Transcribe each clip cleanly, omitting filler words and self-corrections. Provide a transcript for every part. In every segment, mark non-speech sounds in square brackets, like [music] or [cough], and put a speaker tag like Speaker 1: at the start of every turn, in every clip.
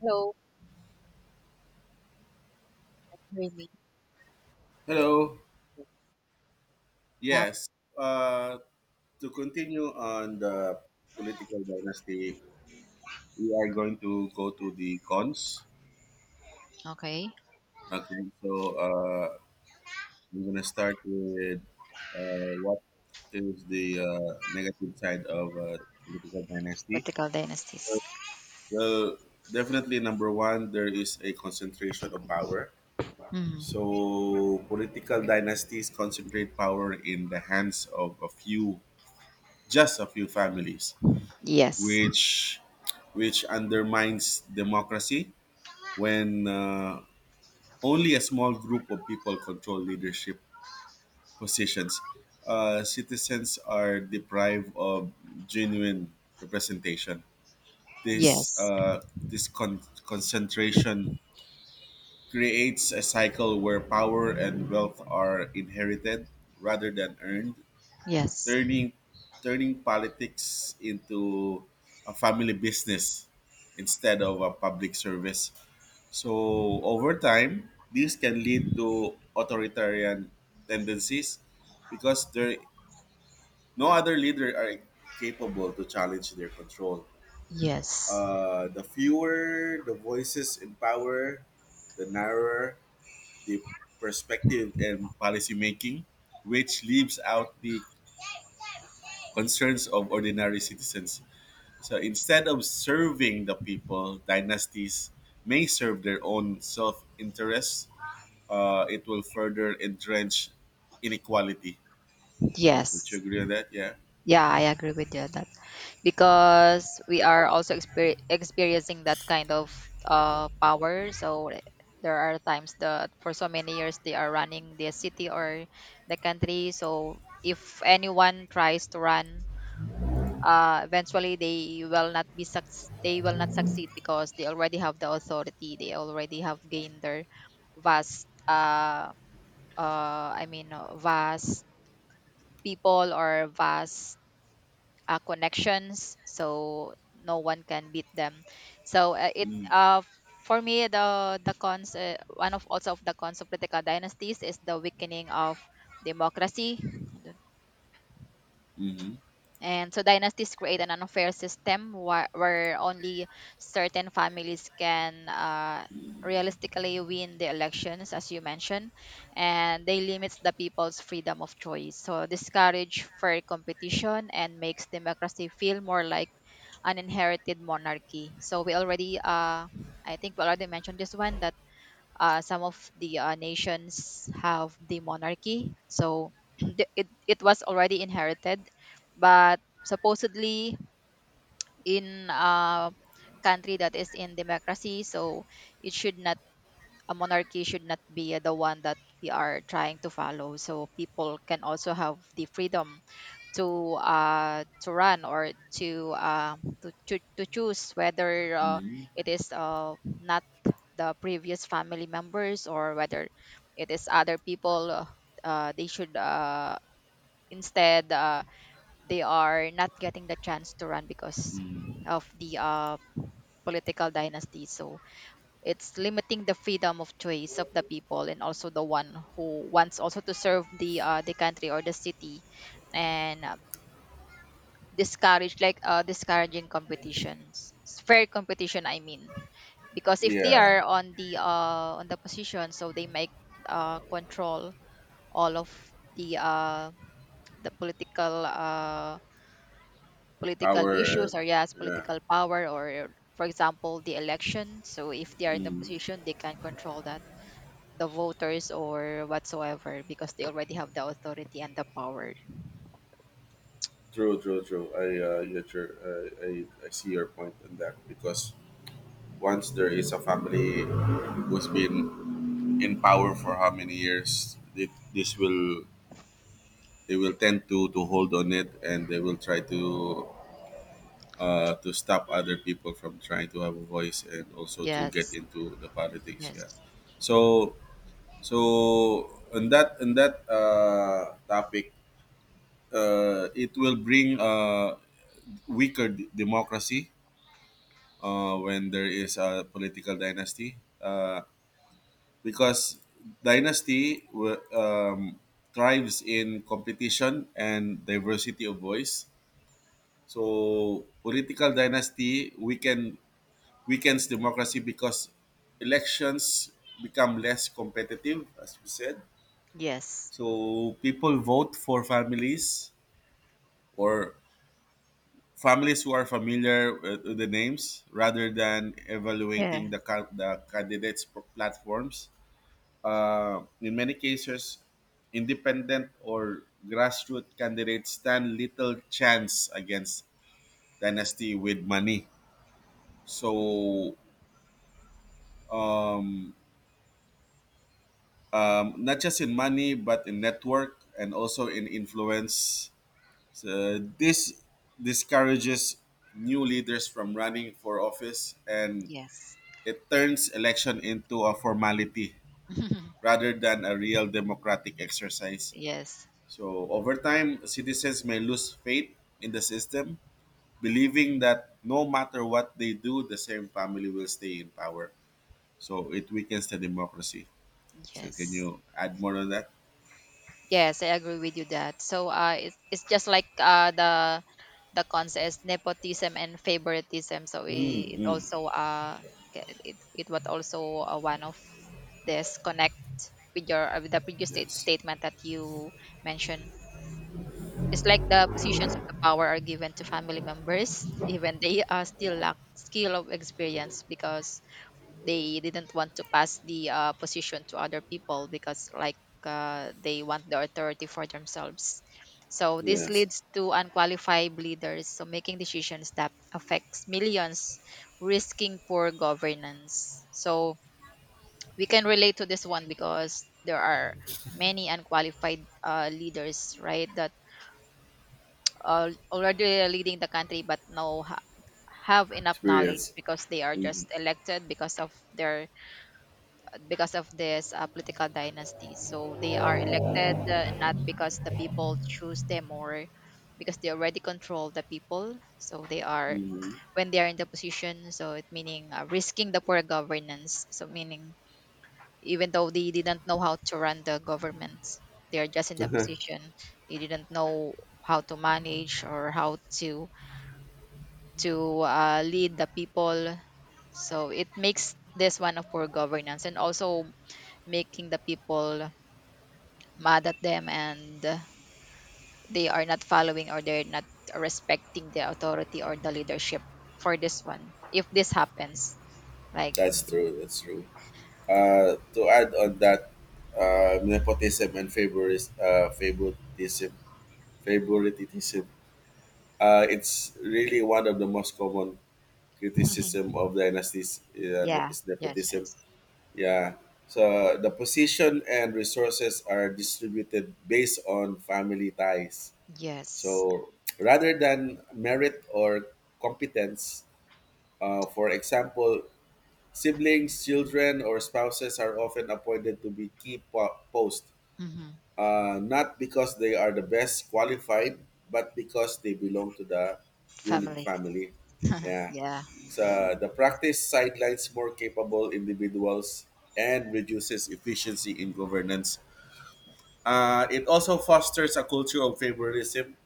Speaker 1: Hello. Really?
Speaker 2: Hello.
Speaker 1: Yes. Yeah.
Speaker 2: Yes. To continue on the political dynasty, we are going to go to the cons.
Speaker 1: Okay.
Speaker 2: Okay. So I'm going to start with what is the negative side of political dynasty.
Speaker 1: Vertical dynasties.
Speaker 2: Uh, Well, definitely number one, there is a concentration of power.
Speaker 1: Mm.
Speaker 2: So political dynasties concentrate power in the hands of a few, just a few families,
Speaker 1: Yes.
Speaker 2: which which undermines democracy when only a small group of people control leadership positions. Citizens are deprived of genuine representation. This
Speaker 1: Yes.
Speaker 2: uh, this concentration creates a cycle where power and wealth are inherited rather than earned,
Speaker 1: Yes.
Speaker 2: turning turning politics into a family business instead of a public service. So over time, this can lead to authoritarian tendencies because there no other leader are capable to challenge their control.
Speaker 1: Yes.
Speaker 2: The fewer the voices in power, the narrower the perspective and policy making, which leaves out the concerns of ordinary citizens. So instead of serving the people, dynasties may serve their own self interests. It will further entrench inequality. Don't you
Speaker 1: Yes.
Speaker 2: agree on that? Yeah.
Speaker 1: Yeah, I agree with you on that because we are also experiencing that kind of power. So there are times that for so many years they are running the city or the country. So if anyone tries to run, eventually they will not be they will not succeed because they already have the authority, they already have gained their vast vast people or vast connections, so no one can beat them. So it
Speaker 2: Mm.
Speaker 1: For me, the cons, one of also of the cons of political dynasties is the weakening of democracy.
Speaker 2: Hmm.
Speaker 1: And so dynasties create an unfair system where, only certain families can realistically win the elections, as you mentioned, and they limits the people's freedom of choice. So discourage fair competition and makes democracy feel more like an inherited monarchy. So we already, I think we already mentioned this one that some of the nations have the monarchy. So [clears throat] it was already inherited, but supposedly in a country that is in democracy, so it should not, a monarchy should not be the one that we are trying to follow, so people can also have the freedom to run, or to to choose whether uh,
Speaker 2: Hmm.
Speaker 1: it is, not the previous family members, or whether it is other people. They should, instead they are not getting the chance to run because of the political dynasty. So it's limiting the freedom of choice of the people, and also the one who wants also to serve the country or the city, and discourage, like, discouraging competitions, fair competition I mean, because if they
Speaker 2: Yeah.
Speaker 1: are on the position, so they might control all of the uh, the political, political
Speaker 2: Power.
Speaker 1: issues, or yes,
Speaker 2: Yeah.
Speaker 1: political power. Or for example the election, so if they are in the
Speaker 2: Mm.
Speaker 1: position they can control that, the voters or whatsoever, because they already have the authority and the power.
Speaker 2: True, true, true. I get your, I see your point on that because once there is a family who's been in power for how many years, this will, they will tend to hold on it, and they will try to stop other people from trying to have a voice and also to get
Speaker 1: Yes,
Speaker 2: into the politics,
Speaker 1: yes.
Speaker 2: yeah. So in that topic, it will bring weaker democracy when there is a political dynasty, uh, because dynasty thrives in competition and diversity of voice. So political dynasty weakens democracy because elections become less competitive, as we said.
Speaker 1: Yes.
Speaker 2: So people vote for families or families who are familiar with the names rather than
Speaker 1: Yeah.
Speaker 2: evaluating the candidates' platforms. In many cases, independent or grassroots candidates stand little chance against dynasty with money. So um, not just in money but in network and also in influence. So this discourages new leaders from running for office, and
Speaker 1: Yes.
Speaker 2: it turns election into a formality
Speaker 1: [laughs]
Speaker 2: rather than a real democratic exercise.
Speaker 1: Yes.
Speaker 2: So over time, citizens may lose faith in the system, believing that no matter what they do, the same family will stay in power. So it weakens the democracy. So can
Speaker 1: Yes.
Speaker 2: you add more on that?
Speaker 1: Yes, I agree with you that. So it's just like, the cons is nepotism and favoritism. So
Speaker 2: Mm,
Speaker 1: it
Speaker 2: mm.
Speaker 1: also it it was also one of, this connect with your, with the previous state,
Speaker 2: Yes.
Speaker 1: statement that you mentioned. It's like the positions of the power are given to family members, [laughs] even they are still lack skill of experience because they didn't want to pass the position to other people, because like, they want the authority for themselves. So this
Speaker 2: Yes.
Speaker 1: leads to unqualified leaders, so making decisions that affects millions, risking poor governance. So we can relate to this one because there are many unqualified leaders, right, that are already leading the country but no have enough knowledge
Speaker 2: Experience.
Speaker 1: because they are just
Speaker 2: Mm.
Speaker 1: elected because of their, because of this political dynasty. So they are elected, not because the people choose them, or because they already control the people. So they are,
Speaker 2: Mm.
Speaker 1: when they are in the position. So it meaning risking the poor governance. So meaning even though they didn't know how to run the government, they are just in the
Speaker 2: Mhm.
Speaker 1: position. They didn't know how to manage or how to lead the people. So it makes this one of poor governance, and also making the people mad at them, and they are not following, or they're not respecting the authority or the leadership, for this one if this happens,
Speaker 2: [laughs]
Speaker 1: like,
Speaker 2: That's true. That's true. To add on that, uh, nepotism and favoris, uh, favoritism, favoritism. It's really one of the most common criticism of dynasties
Speaker 1: yeah.
Speaker 2: is
Speaker 1: Yes,
Speaker 2: nepotism.
Speaker 1: yes,
Speaker 2: Yeah. So the position and resources are distributed based on family ties.
Speaker 1: yes.
Speaker 2: So rather than merit or competence, for example, siblings, children, or spouses are often appointed to be key posts,
Speaker 1: Hmm.
Speaker 2: not because they are the best qualified, but because they belong to the ruling
Speaker 1: Family.
Speaker 2: family. Yeah.
Speaker 1: Yeah.
Speaker 2: So the practice sidelines more capable individuals and reduces efficiency in governance. It also fosters a culture of favoritism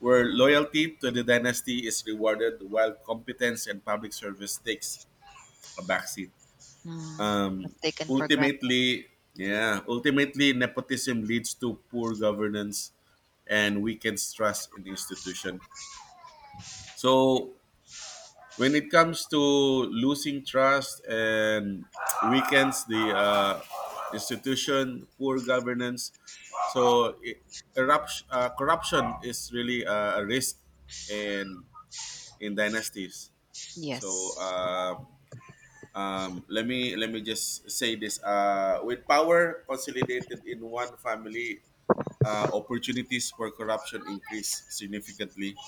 Speaker 2: where loyalty to the dynasty is rewarded while competence and public service takes a backseat.
Speaker 1: Mm. Was
Speaker 2: Um,
Speaker 1: taken for granted.
Speaker 2: Ultimately, yeah, ultimately nepotism leads to poor governance and weakens trust in institution. So when it comes to losing trust and weakens the institution, poor governance, so it, corruption is really a risk and in dynasties. So
Speaker 1: Yes,
Speaker 2: let me just say this: with power consolidated in one family, opportunities for corruption increase significantly.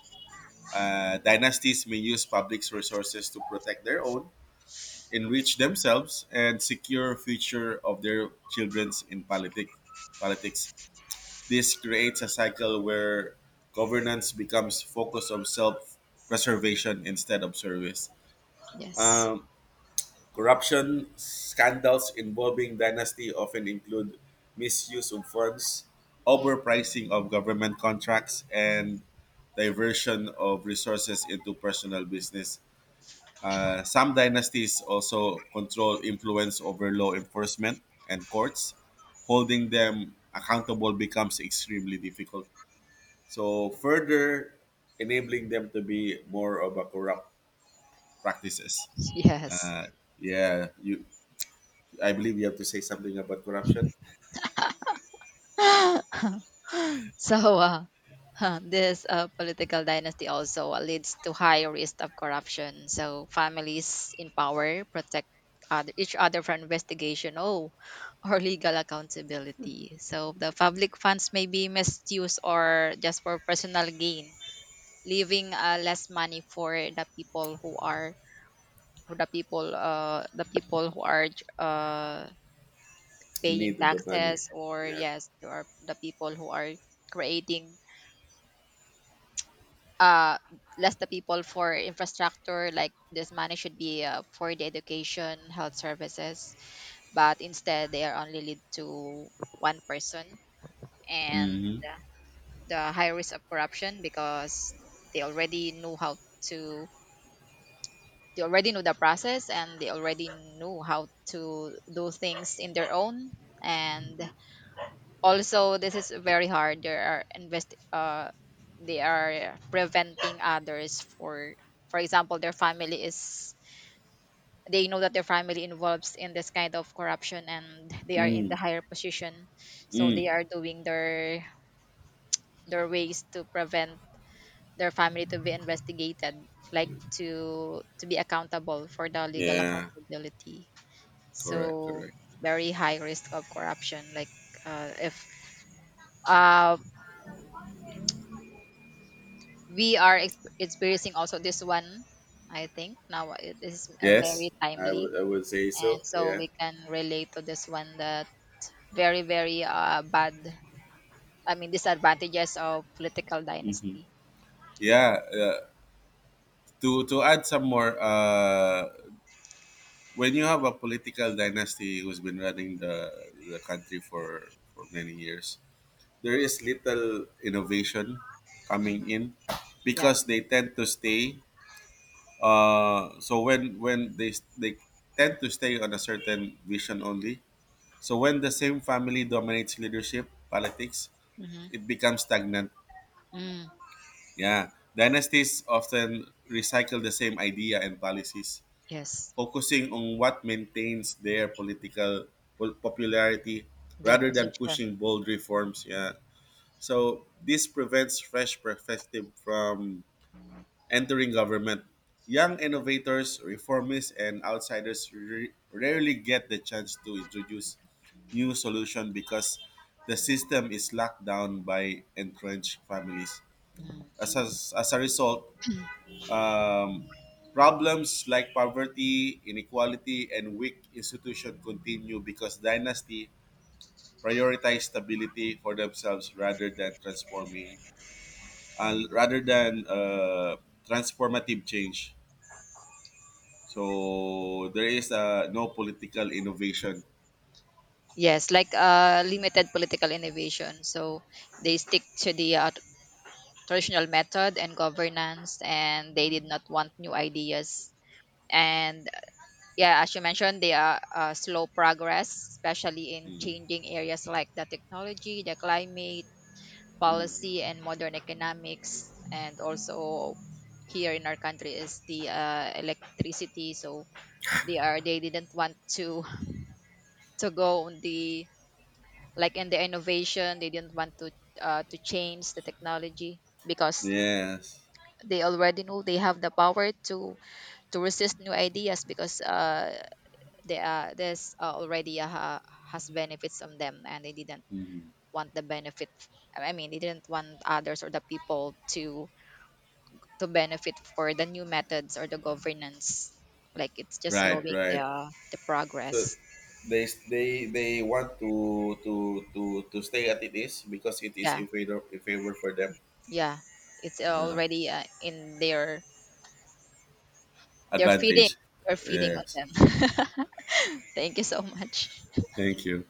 Speaker 2: Dynasties may use public resources to protect their own, enrich themselves, and secure future of their childrens in politics. This creates a cycle where governance becomes focused on self preservation instead of service.
Speaker 1: yes.
Speaker 2: Um, Corruption scandals involving dynasty often include misuse of funds, overpricing of government contracts,
Speaker 1: Mhm.
Speaker 2: and diversion of resources into personal business. Some dynasties also control influence over law enforcement and courts. Holding them accountable becomes extremely difficult. So, further enabling them to be more of a corrupt practices.
Speaker 1: [laughs] Yes.
Speaker 2: Uh, yeah, you, I believe you have to say something about corruption.
Speaker 1: So huh, this political dynasty also leads to high risk of corruption. So families in power protect other, each other from investigation, oh, [laughs] or legal accountability. So the public funds may be misused or just for personal gain, leaving less money for the people who are, who the people, the people who are uh,
Speaker 2: In
Speaker 1: paying
Speaker 2: need of the money.
Speaker 1: taxes, or
Speaker 2: Yeah.
Speaker 1: yes, or the people who are, creating uh less the people for infrastructure, like this money should be for the education, health services, but instead they are only lead to one person. And
Speaker 2: Mm-hmm.
Speaker 1: the high risk of corruption because they already knew how to, they already knew the process, and they already knew how to do things in their own. And also this is very hard, there are invest they are preventing others for example their family is, they know that their family involves in this kind of corruption and they are in the
Speaker 2: Mm.
Speaker 1: higher position, so
Speaker 2: Mm.
Speaker 1: they are doing their ways to prevent their family to be investigated, like, to be accountable for the legal
Speaker 2: Yeah.
Speaker 1: accountability.
Speaker 2: Correct.
Speaker 1: So
Speaker 2: Correct.
Speaker 1: very high risk of corruption, like, if uh we are experiencing also this one. I think now it is a very
Speaker 2: Yes. I
Speaker 1: timely,
Speaker 2: would. I would say
Speaker 1: and
Speaker 2: so.
Speaker 1: so
Speaker 2: Yeah.
Speaker 1: we can relate to this one, that very very bad, I mean, disadvantages of political
Speaker 2: Mm-hmm.
Speaker 1: dynasty.
Speaker 2: Yeah. To add some more, when you have a political dynasty who's been running the country for many years, there is little innovation
Speaker 1: Mhm.
Speaker 2: coming in
Speaker 1: Yeah.
Speaker 2: because they tend to stay. So when they tend to stay on a certain vision only. So when the same family dominates leadership politics,
Speaker 1: Hmm.
Speaker 2: it becomes stagnant.
Speaker 1: Mm.
Speaker 2: Yeah, dynasties often recycle the same idea and policies,
Speaker 1: Yes.
Speaker 2: focusing on what maintains their political popularity
Speaker 1: Their
Speaker 2: rather than
Speaker 1: position.
Speaker 2: pushing bold reforms. Yeah. So this prevents fresh perspective from entering government. Young innovators, reformists, and outsiders rarely get the chance to introduce new solutions because the system is locked down by entrenched families.
Speaker 1: Mm.
Speaker 2: As a, as a result, um, problems like poverty, inequality, and weak institution continue because dynasty prioritize stability for themselves rather than uh, rather than uh, transformative change. So there is no political innovation.
Speaker 1: Yes, like, limited political innovation. So they stick to the traditional method and governance, and they did not want new ideas. And yeah, as you mentioned, they are, slow progress, especially in
Speaker 2: Mm.
Speaker 1: changing areas like the technology, the climate
Speaker 2: Mm.
Speaker 1: policy, and modern economics. And also here in our country is the electricity. So they are, they didn't want to [laughs] to go on the, like in the innovation. They didn't want to change the technology because
Speaker 2: Yes.
Speaker 1: they already know they have the power to resist new ideas, because there are, there's already a, has benefits on them, and they didn't
Speaker 2: Mm.
Speaker 1: want the benefit, I mean they didn't want others or the people to benefit for the new methods or the governance, like it's just
Speaker 2: Right,
Speaker 1: slowing
Speaker 2: right.
Speaker 1: the
Speaker 2: So
Speaker 1: progress.
Speaker 2: they want to stay at it is because it is
Speaker 1: Yeah,
Speaker 2: in favor for them.
Speaker 1: yeah, it's
Speaker 2: Yeah.
Speaker 1: already in their feeding,
Speaker 2: Advantage.
Speaker 1: they're feeding
Speaker 2: Yes.
Speaker 1: on them. [laughs] Thank you so much.
Speaker 2: Thank you.